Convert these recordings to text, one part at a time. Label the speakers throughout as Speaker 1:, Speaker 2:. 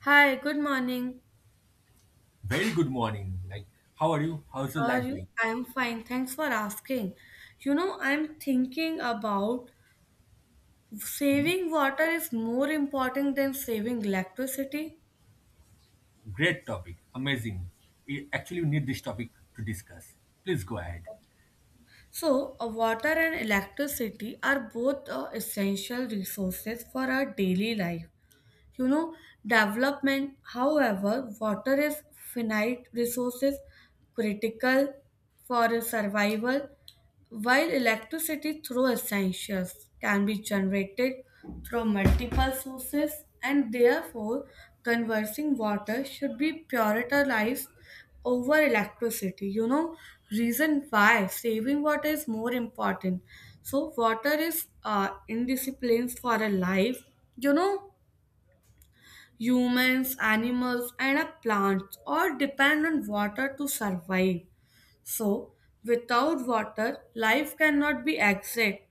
Speaker 1: Hi, good morning.
Speaker 2: Very good morning. How are you? How's your
Speaker 1: How are
Speaker 2: life
Speaker 1: you?
Speaker 2: going?
Speaker 1: I'm fine. Thanks for asking. You know, I'm thinking about saving water is more important than saving electricity.
Speaker 2: Great topic. Amazing. We actually need this topic to discuss. Please go ahead.
Speaker 1: So, water and electricity are both essential resources for our daily life. You know, development, however, water is finite resources critical for survival. While electricity, through essentials, can be generated through multiple sources, and therefore, conversing water should be prioritized over electricity. You know, reason why saving water is more important. So, water is indisciplines for a life. You know, humans, animals, and a plants all depend on water to survive, so without water, life cannot be exact.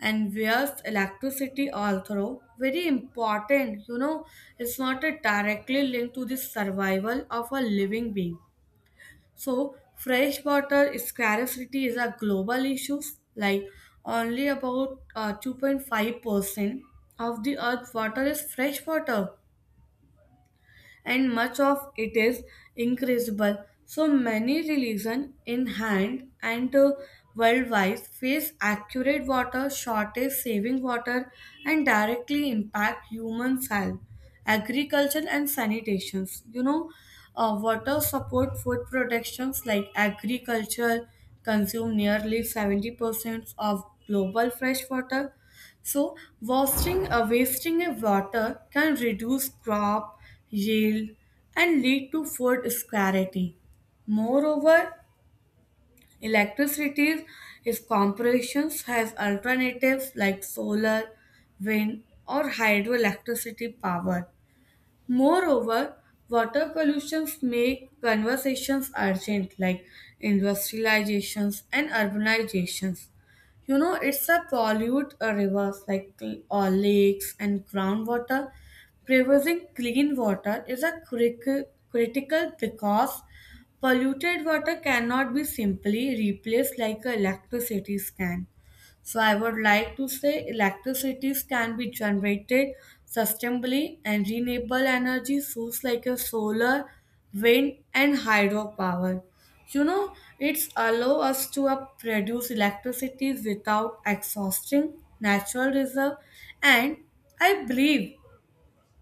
Speaker 1: And where's electricity, although very important, you know, it's not a directly linked to the survival of a living being. So, fresh water scarcity is a global issue. Like only about 2.5% of the earth's water is fresh water and much of it is increasable. So many religions in hand and worldwide face accurate water shortage, saving water and directly impact human health, agriculture and sanitation. You know, water support food productions like agriculture consume nearly 70% of global fresh water, so wasting of water can reduce crop yield and lead to food scarcity. Moreover, electricity is corporations has alternatives like solar, wind, or hydroelectricity power. Moreover, water pollutions make conversations urgent, like industrializations and urbanizations. You know, it's a pollute rivers like or lakes and groundwater. Preserving clean water is a critical because polluted water cannot be simply replaced like electricity can. So I would like to say electricities can be generated sustainably and renewable energy sources like a solar, wind and hydropower. You know, it's allow us to produce electricity without exhausting natural reserve and I believe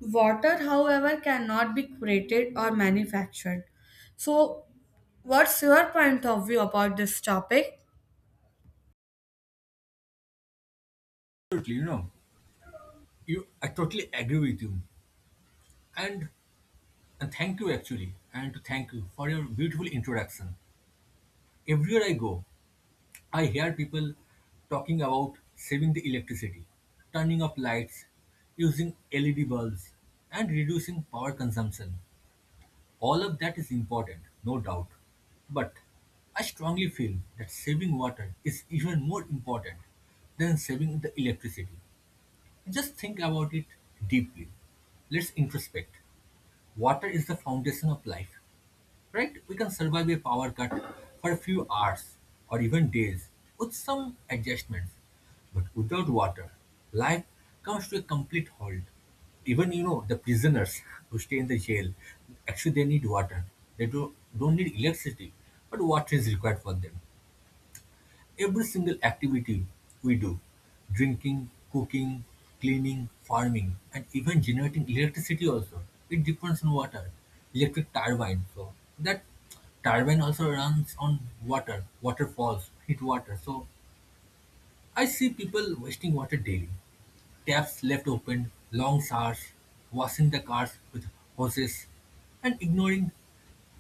Speaker 1: water however cannot be created or manufactured. So what's your point of view about this topic?
Speaker 2: Absolutely. You I totally agree with you. And and thank you actually. And to thank you for your beautiful introduction. Everywhere I go, I hear people talking about saving the electricity, turning off lights, using LED bulbs, and reducing power consumption. All of that is important, no doubt. But I strongly feel that saving water is even more important than saving the electricity. Just think about it deeply. Let's introspect. Water is the foundation of life, right? We can survive a power cut for a few hours or even days with some adjustments. But without water, life comes to a complete halt. Even you know the prisoners who stay in the jail, actually they need water. They do don't need electricity, but water is required for them. Every single activity we do, drinking, cooking, cleaning, farming, and even generating electricity also, it depends on water. Electric turbine, so that turbine also runs on water. Water falls, heat water. So I see people wasting water daily. Taps left open, long showers, washing the cars with hoses and ignoring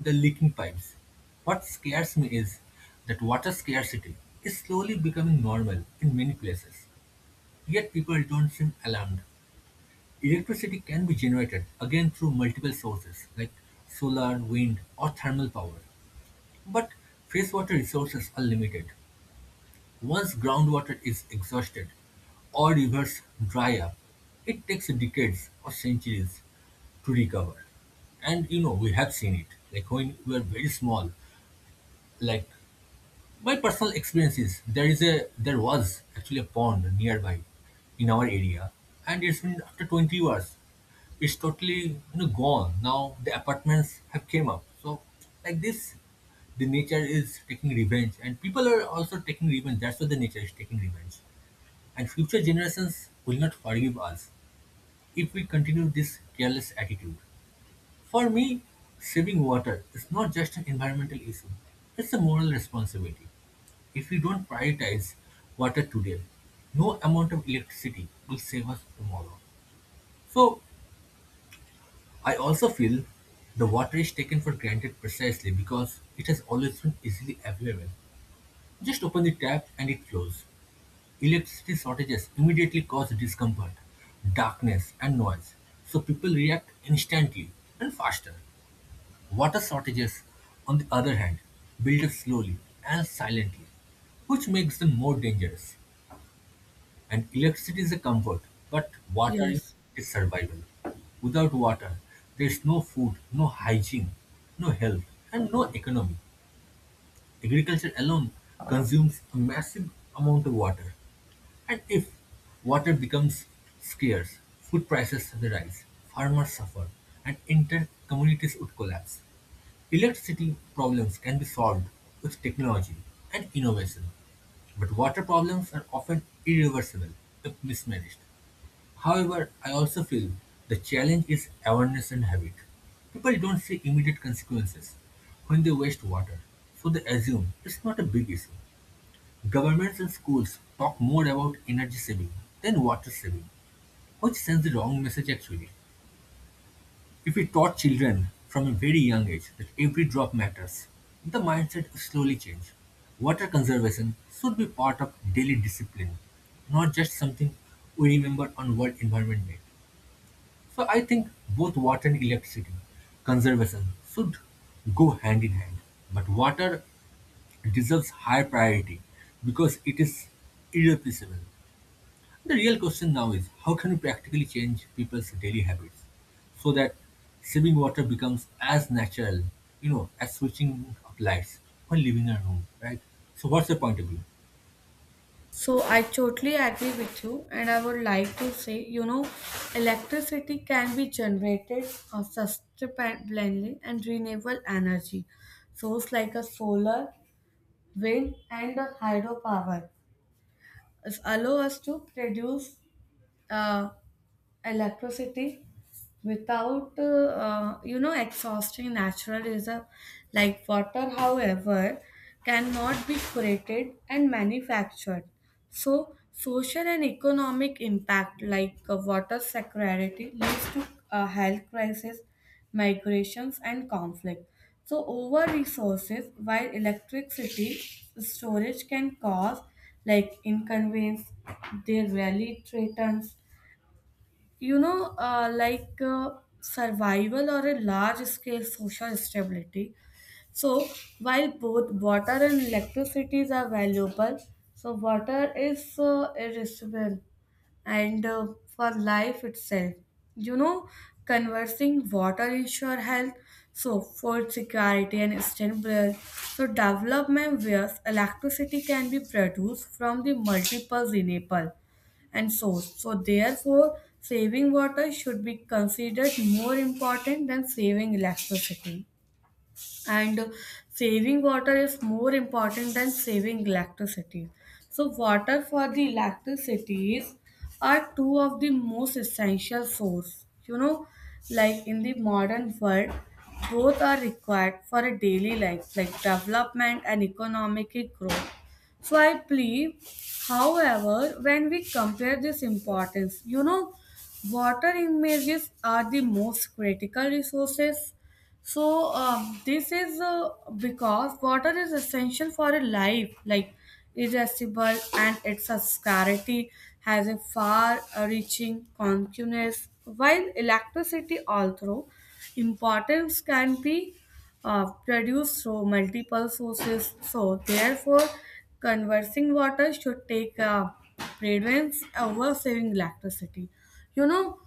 Speaker 2: the leaking pipes. What scares me is that water scarcity is slowly becoming normal in many places, yet people don't seem alarmed. Electricity can be generated again through multiple sources like solar, wind, or thermal power, but freshwater resources are limited. Once groundwater is exhausted or rivers dry up, it takes decades or centuries to recover. And you know, we have seen it. Like when we were very small, like my personal experience is there was actually a pond nearby in our area, and it's been after 20 years. It's totally you know gone now. The apartments have came up, so like this, the nature is taking revenge, and people are also taking revenge. That's why the nature is taking revenge, and future generations will not forgive us if we continue this careless attitude. For me, saving water is not just an environmental issue, it's a moral responsibility. If we don't prioritize water today, no amount of electricity will save us tomorrow. So, I also feel the water is taken for granted precisely because it has always been easily available. Just open the tap and it flows. Electricity shortages immediately cause discomfort, darkness, and noise, so people react instantly and faster. Water shortages, on the other hand, build up slowly and silently, which makes them more dangerous. And electricity is a comfort, but water
Speaker 1: Yes.
Speaker 2: is survival. Without water, there is no food, no hygiene, no health, and no economy. Agriculture alone consumes a massive amount of water. And if water becomes scarce, food prices rise, farmers suffer, and entire communities would collapse. Electricity problems can be solved with technology and innovation, but water problems are often irreversible if mismanaged. However, I also feel the challenge is awareness and habit. People don't see immediate consequences when they waste water, so they assume it's not a big issue. Governments and schools talk more about energy saving than water saving, which sends the wrong message actually. If we taught children from a very young age that every drop matters, the mindset will slowly change. Water conservation should be part of daily discipline, not just something we remember on World Environment Day. So I think both water and electricity conservation should go hand in hand. But water deserves higher priority because it is irreplaceable. The real question now is how can we practically change people's daily habits so that saving water becomes as natural, you know, as switching of lights when leaving a room, right? So what's the point of view?
Speaker 1: So I totally agree with you, and I would like to say, you know, electricity can be generated sustainably and renewable energy. Source like a solar, wind, and a hydropower is allow us to produce uh, electricity without you know exhausting natural reserve like water however cannot be created and manufactured, so social and economic impact like water security leads to health crisis, migrations and conflict, so over resources while electricity storage can cause like inconvenience they rarely threatens you know, survival or a large scale social stability. So, while both water and electricity are valuable, so water is irresistible and for life itself. You know, conversing water ensure health, so food security and sustainable. So development where electricity can be produced from the multiple renewable and source. So therefore, saving water should be considered more important than saving electricity and saving water is more important than saving electricity. So, water for the electricities are two of the most essential source. You know, like in the modern world, both are required for a daily life, like development and economic growth. So I believe, however, when we compare this importance, you know, water images are the most critical resources, so this is because water is essential for a life, like irresistible, and its a scarcity has a far-reaching consequence. While electricity, although importance can be produced through multiple sources, so therefore, conversing water should take precedence over saving electricity. You know,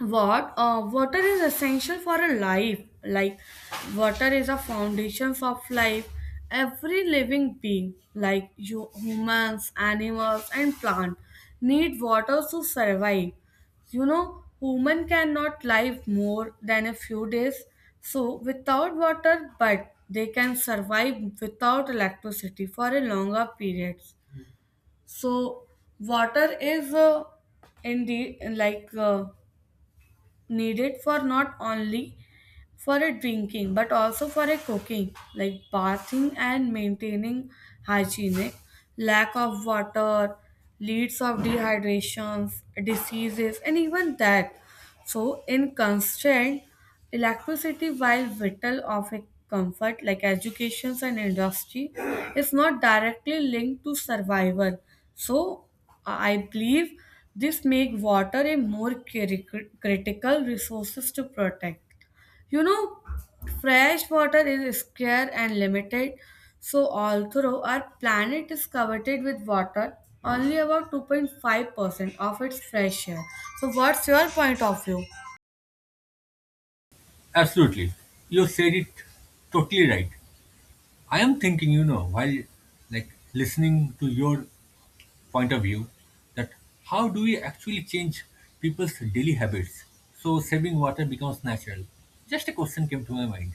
Speaker 1: what water is essential for a life, like water is a foundation of life. Every living being like you humans, animals and plant need water to survive. You know, human cannot live more than a few days so without water, but they can survive without electricity for a longer periods. So water is indeed like needed for not only for a drinking but also for a cooking like bathing and maintaining hygienic. Lack of water leads of dehydrations, diseases and even death. So in constant electricity while vital of a comfort like educations and industry is not directly linked to survival. So I believe this make water a more critical resources to protect. You know, fresh water is scarce and limited, so although our planet is coveted with water, only about 2.5% of its fresh air. So, what's your point of view?
Speaker 2: Absolutely. You said it totally right. I am thinking, you know, while like listening to your point of view, that how do we actually change people's daily habits so saving water becomes natural? Just a question came to my mind.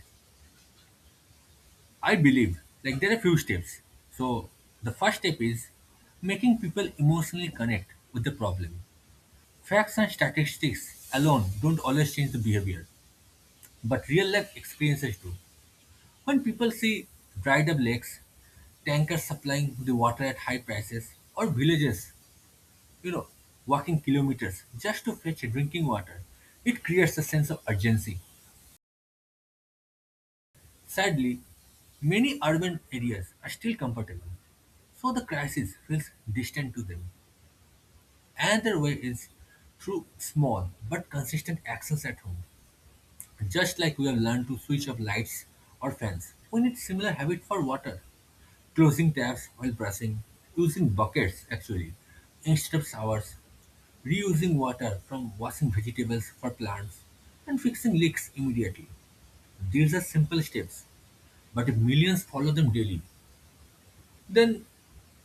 Speaker 2: I believe like there are few steps. So the first step is making people emotionally connect with the problem. Facts and statistics alone don't always change the behavior, but real life experiences do. When people see dried up lakes, tankers supplying the water at high prices, or villages, you know, walking kilometers just to fetch drinking water, it creates a sense of urgency. Sadly, many urban areas are still comfortable, so the crisis feels distant to them. Another way is through small but consistent actions at home. Just like we have learned to switch off lights or fans, we need similar habit for water. Closing taps while brushing, using buckets actually instead of showers, reusing water from washing vegetables for plants, and fixing leaks immediately. These are simple steps, but if millions follow them daily, then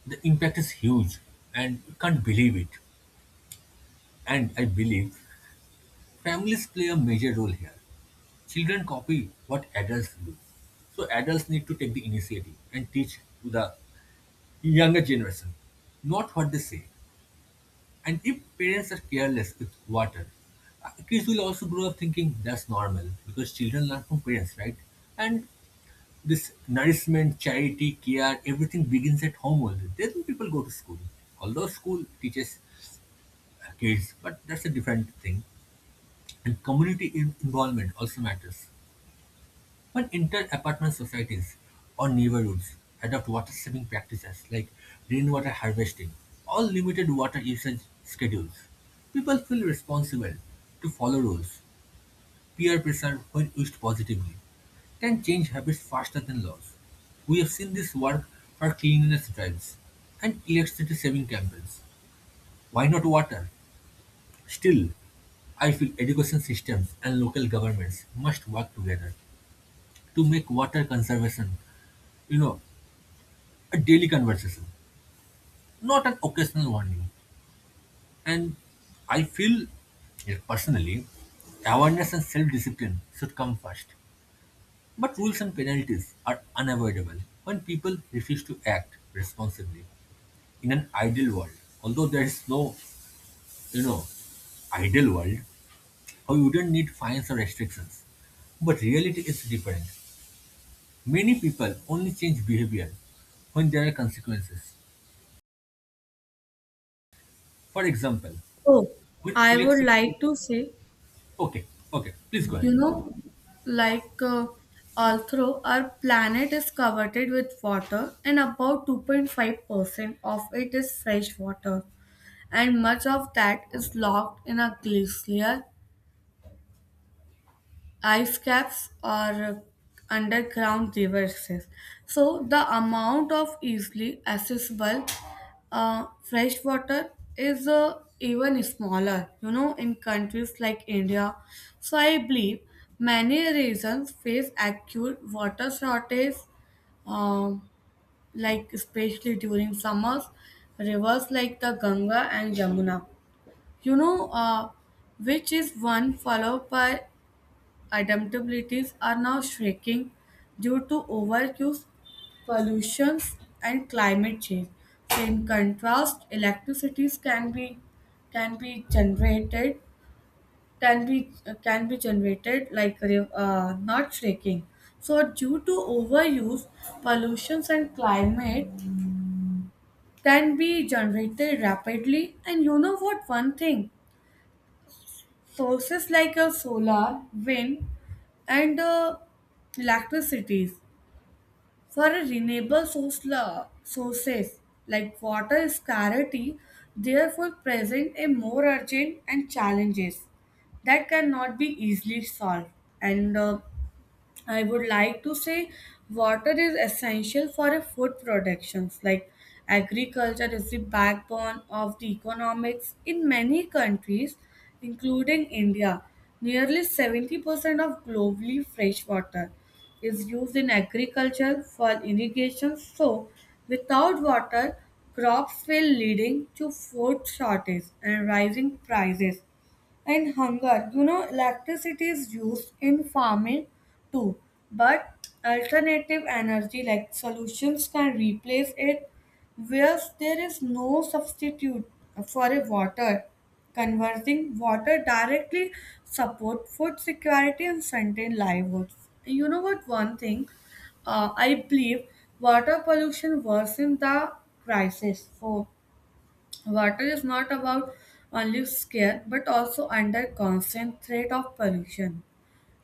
Speaker 2: the impact is huge and you can't believe it. And I believe families play a major role here. Children copy what adults do. So adults need to take the initiative and teach to the younger generation, not what they say. And if parents are careless with water, kids will also grow up thinking that's normal because children learn from parents, right? And this nourishment, charity, care, everything begins at home only. Then people go to school. Although school teaches kids, but that's a different thing. And community involvement also matters. When inter-apartment societies or neighborhoods adopt water-saving practices like rainwater harvesting or limited water usage schedules, people feel responsible to follow rules. Peer pressure, when used positively, can change habits faster than laws. We have seen this work for cleanliness drives and electricity saving campaigns. Why not water? Still, I feel education systems and local governments must work together to make water conservation, you know, a daily conversation, not an occasional warning. And I feel, yeah, personally, awareness and self-discipline should come first. But rules and penalties are unavoidable when people refuse to act responsibly in an ideal world. Although there is no, you know, ideal world, we wouldn't need fines or restrictions. But reality is different. Many people only change behavior when there are consequences. For example,
Speaker 1: Oh,
Speaker 2: when
Speaker 1: I would
Speaker 2: electricity.
Speaker 1: like to say,
Speaker 2: Okay, okay, please go ahead.
Speaker 1: you know, like uh, although our planet is covered with water and about 2.5% of it is fresh water, and much of that is locked in a glacier, ice caps or underground reverses. So the amount of easily accessible fresh water is even smaller, you know, in countries like India. So I believe many regions face acute water shortage, um, like especially during summers, rivers like the Ganga and Yamuna, you know, uh, which is one followed by adaptabilities are now shrinking due to overuse, pollution, and climate change. So in contrast, electricities can be generated can be can be generated like re- not shrinking. So due to overuse, pollutions and climate can be generated rapidly. And you know what? One thing, sources like a solar, wind, and electricities. For a renewable source, sources like water scarcity, therefore present a more urgent and challenges that cannot be easily solved. And I would like to say water is essential for a food productions, like agriculture is the backbone of the economics in many countries including India. Nearly 70% of globally fresh water is used in agriculture for irrigation, so without water crops fail, leading to food shortage and rising prices and hunger. You know, electricity is used in farming too, but alternative energy like solutions can replace it, whereas there is no substitute for a water. Converting water directly support food security and sustain livelihoods. You know what? One thing, I believe water pollution worsens the crisis. So water is not about only scarce but also under constant threat of pollution.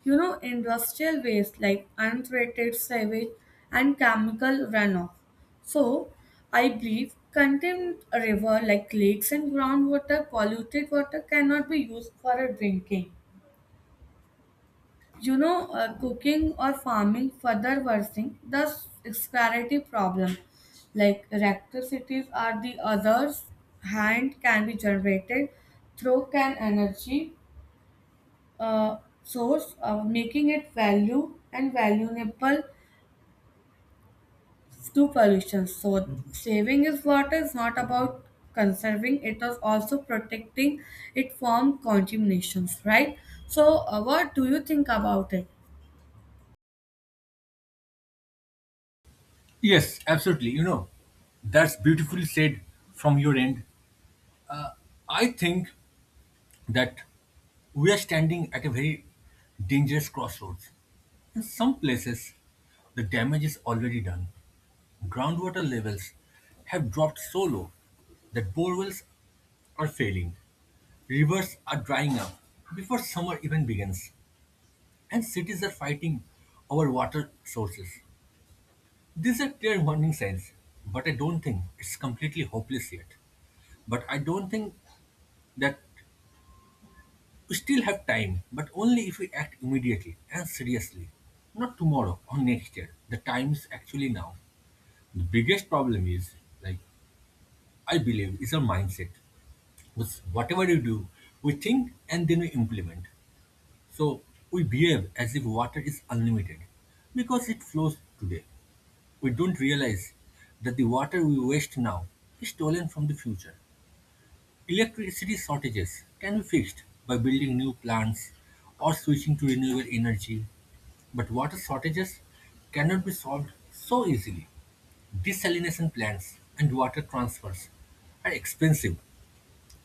Speaker 1: You know, industrial waste like untreated sewage and chemical runoff. So, I believe contained river like lakes and groundwater, polluted water cannot be used for a drinking. You know, cooking or farming further worsening the scarcity problem. Like electricities are the others hand can be generated through can energy uh, source, making it value and valuable to pollution. So Mhm. Saving is water is not about conserving; it is also protecting it from contaminations, right? So, what do you think about it?
Speaker 2: Yes, absolutely. You know, that's beautifully said from your end. I think that we are standing at a very dangerous crossroads. In some places, the damage is already done. Groundwater levels have dropped so low that borewells are failing. Rivers are drying up before summer even begins. And cities are fighting over water sources. These are clear warning signs, but I don't think it's completely hopeless yet. But I don't think that we still have time, but only if we act immediately and seriously. Not tomorrow or next year. The time is actually now. The biggest problem is, like I believe, is our mindset. Because whatever you do, we think and then we implement. So we behave as if water is unlimited because it flows today. We don't realize that the water we waste now is stolen from the future. Electricity shortages can be fixed by building new plants or switching to renewable energy, but water shortages cannot be solved so easily. Desalination plants and water transfers are expensive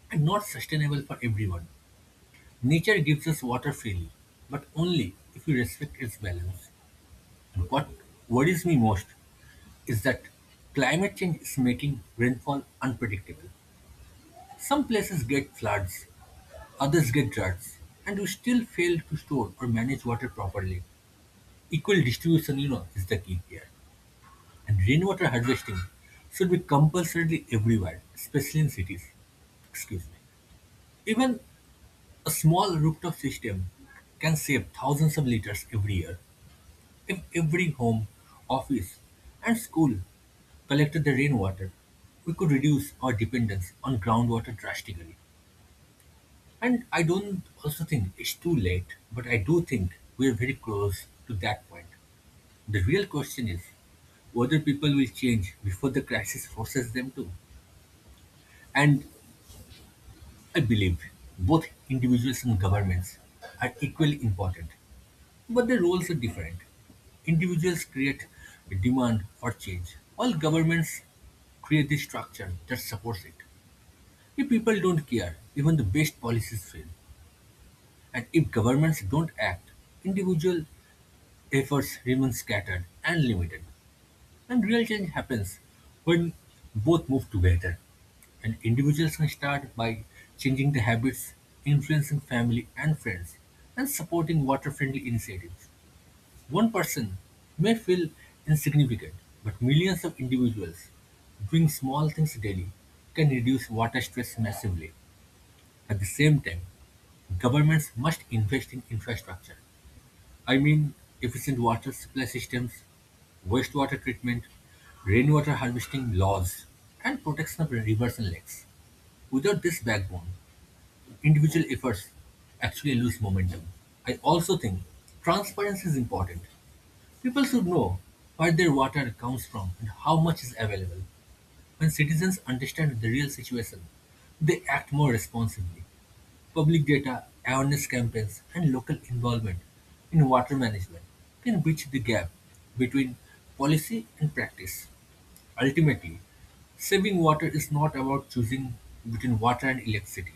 Speaker 2: and not sustainable for everyone. Nature gives us water freely, but only if we respect its balance. And what worries me most is that climate change is making rainfall unpredictable. Some places get floods, others get droughts, and we still fail to store or manage water properly. Equal distribution, you know, is the key here. And rainwater harvesting should be compulsorily everywhere, especially in cities. Excuse me. Even a small rooftop system can save thousands of liters every year. If every home, office, and school collected the rainwater, we could reduce our dependence on groundwater drastically. And I don't also think it's too late, but I do think we're very close to that point. The real question is whether people will change before the crisis forces them to. And I believe both individuals and governments are equally important, but their roles are different. Individuals create a demand for change, while governments create the structure that supports it. If people don't care, even the best policies fail. And if governments don't act, individual efforts remain scattered and limited. And real change happens when both move together. And individuals can start by changing the habits, influencing family and friends, and supporting water friendly initiatives. One person may feel insignificant, but millions of individuals doing small things daily can reduce water stress massively. At the same time, governments must invest in infrastructure. I mean, efficient water supply systems, wastewater treatment, rainwater harvesting laws, and protection of rivers and lakes. Without this backbone, individual efforts actually lose momentum. I also think transparency is important. People should know where their water comes from and how much is available. When citizens understand the real situation, they act more responsibly. Public data, awareness campaigns, and local involvement in water management can bridge the gap between policy and practice. Ultimately, saving water is not about choosing between water and electricity.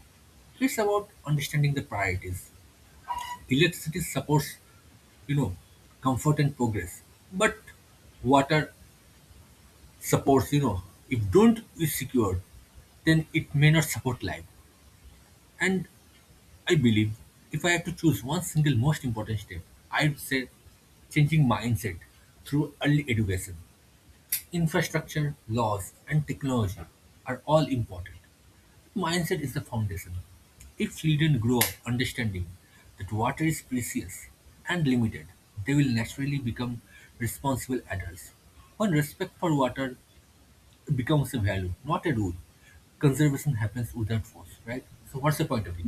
Speaker 2: It's about understanding the priorities. Electricity supports, you know, comfort and progress. But water supports, if don't is secured, then it may not support life. And I believe if I have to choose one single most important step, I would say changing mindset through early education. Infrastructure, laws, and technology are all important. Mindset is the foundation. If children grow up understanding that water is precious and limited, they will naturally become responsible adults. When respect for water becomes a value, not a rule, conservation happens without force, right? So, what's the point of view?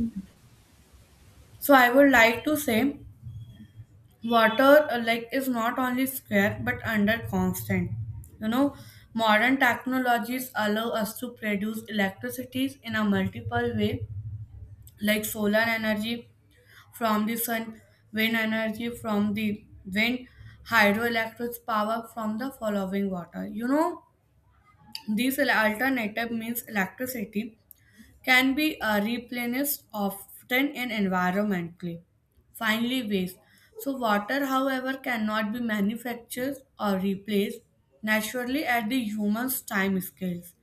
Speaker 1: So, I would like to say. Water like is not only scarce but under constant, you know, modern technologies allow us to produce electricities in a multiple way like solar energy from the sun, wind energy from the wind, hydroelectric power from the following water. You know, these alternative means electricity can be replenished often and environmentally. Finally, waste. So, water, however, cannot be manufactured or replaced naturally at the human's time scales.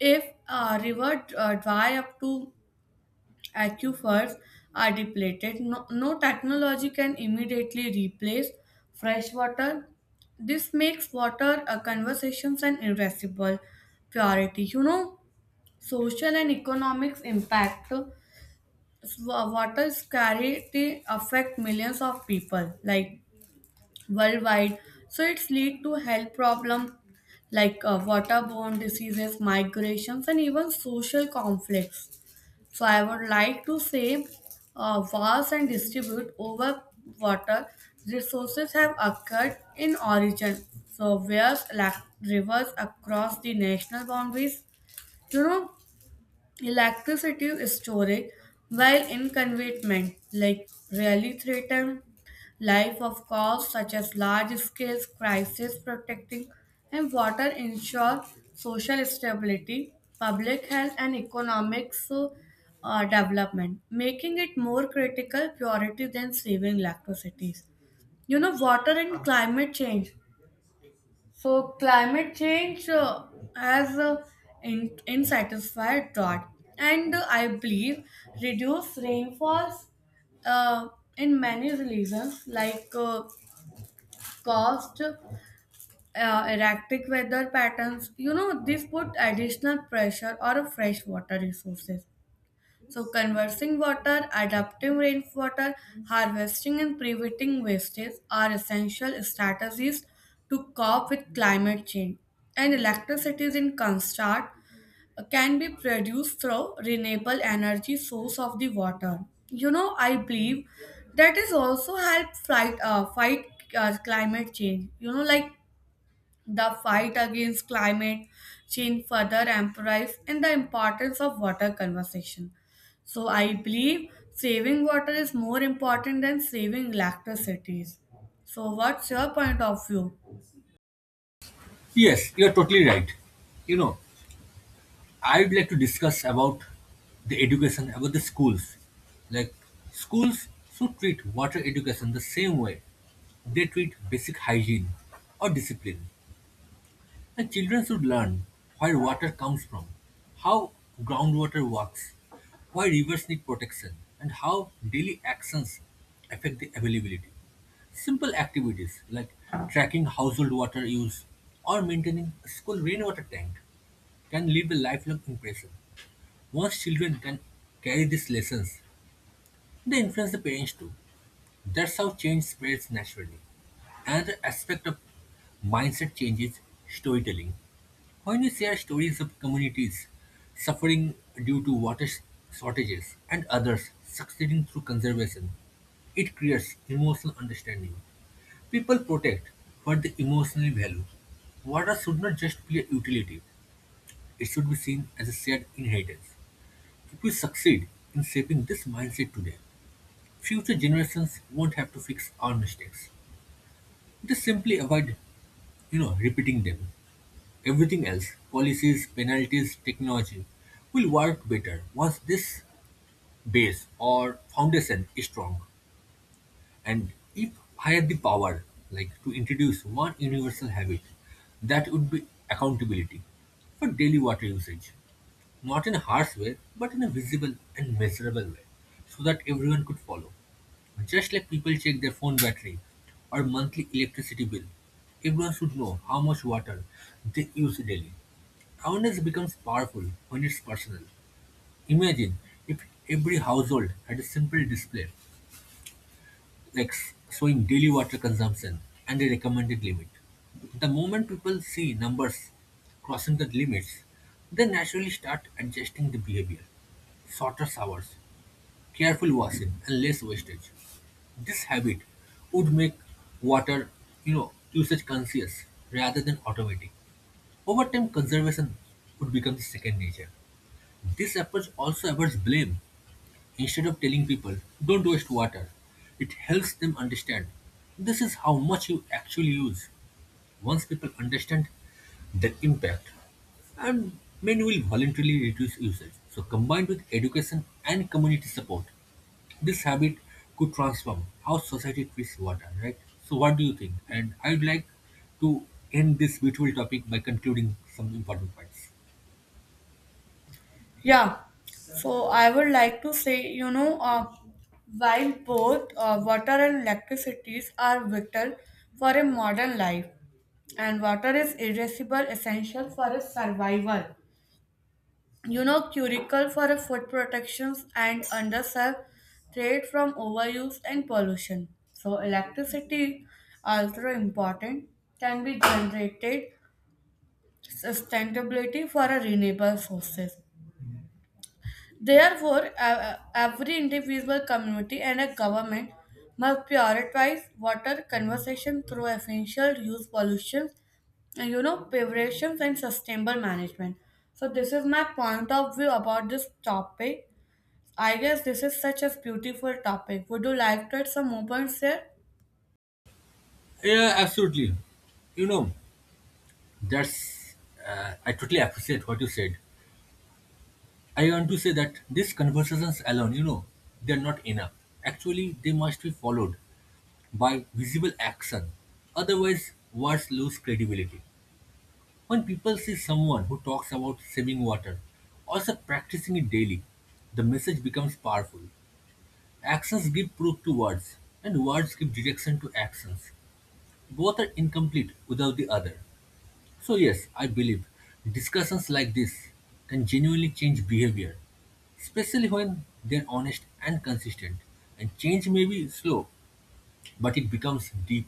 Speaker 1: If a river dry up to aquifers are depleted, no technology can immediately replace fresh water. This makes water conversations an irascible purity. You know, social and economics impact water scarcity affect millions of people like worldwide, so it's lead to health problem, like waterborne diseases, migrations and even social conflicts. So I would like to say vast and distribute over water resources have occurred in origin, so where's like rivers across the national boundaries, you know. Electricity is storage, while inconvenient, like really threaten life of cause such as large-scale crisis protecting, and water ensure social stability, public health, and economic, so, development, making it more critical priority than saving electricity. You know, water and climate change, so climate change has in, insatisfied drought, and I believe reduced rainfalls uh, in many regions like caused erratic weather patterns. You know, this put additional pressure on fresh water resources. So, conversing water, adapting rainwater, harvesting, and preventing wastage are essential strategies to cope with climate change. And electricity, in contrast, can be produced through renewable energy source of the water. You know, I believe that is also help fight fight climate change. You know, like the fight against climate change further emphasizes in the importance of water conservation. So I believe saving water is more important than saving electricity. So what's your point of view?
Speaker 2: Yes, you're totally right. You know, I'd like to discuss about the education, about the schools. Like schools should treat water education the same way they treat basic hygiene or discipline. And children should learn where water comes from, how groundwater works, why rivers need protection, and how daily actions affect the availability. Simple activities like tracking household water use or maintaining a school rainwater tank can leave a lifelong impression. Once children can carry these lessons, they influence the parents too. That's how change spreads naturally. Another aspect of mindset change is storytelling. When we share stories of communities suffering due to water shortages and others succeeding through conservation, it creates emotional understanding. People protect what they emotionally value. Water should not just be a utility, it should be seen as a shared inheritance. If we succeed in shaping this mindset today, future generations won't have to fix our mistakes. They simply avoid repeating them. Everything else, policies, penalties, technology, will work better once this base or foundation is strong. And if I had the power, like to introduce one universal habit, that would be accountability for daily water usage. Not in a harsh way, but in a visible and measurable way, so that everyone could follow. Just like people check their phone battery or monthly electricity bill, everyone should know how much water they use daily. Awareness becomes powerful when it's personal. Imagine if every household had a simple display like showing daily water consumption and a recommended limit. The moment people see numbers crossing the limits, they naturally start adjusting the behavior. Shorter showers, careful washing, and less wastage. This habit would make water usage conscious rather than automatic. Over time, conservation would become the second nature. This approach also avoids blame. Instead of telling people, don't waste water, it helps them understand. This is how much you actually use. Once people understand the impact, and many will voluntarily reduce usage. So, combined with education and community support, this habit could transform how society treats water, right? So, what do you think? And I'd like to end this beautiful topic by concluding some important points.
Speaker 1: Yeah. So I would like to say, you know, while both water and electricities are vital for a modern life, and water is irreplaceable essential for a survival. You know, curricle for a food protections and underserved threat from overuse and pollution, so electricity also important can be generated sustainability for a renewable sources. Therefore, every individual, community and a government must prioritize water conservation through essential use pollution and, you know, preparations and sustainable management. So this is my point of view about this topic. I guess this is such a beautiful topic. Would you like to add some more points here?
Speaker 2: Yeah, absolutely. You know, That's, I totally appreciate what you said. I want to say that these conversations alone, they're not enough. Actually, they must be followed by visible action. Otherwise, words lose credibility. When people see someone who talks about saving water, also practicing it daily, the message becomes powerful. Actions give proof to words, and words give direction to actions. Both are incomplete without the other. So, yes, I believe discussions like this can genuinely change behavior, especially when they're honest and consistent. And change may be slow, but it becomes deep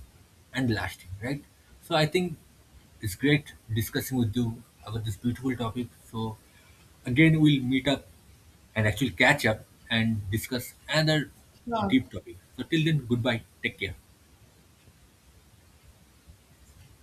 Speaker 2: and lasting, right? So, I think it's great discussing with you about this beautiful topic. So, again, we'll meet up and actually catch up and discuss another
Speaker 1: Sure.
Speaker 2: deep topic. So, till then, goodbye. Take care.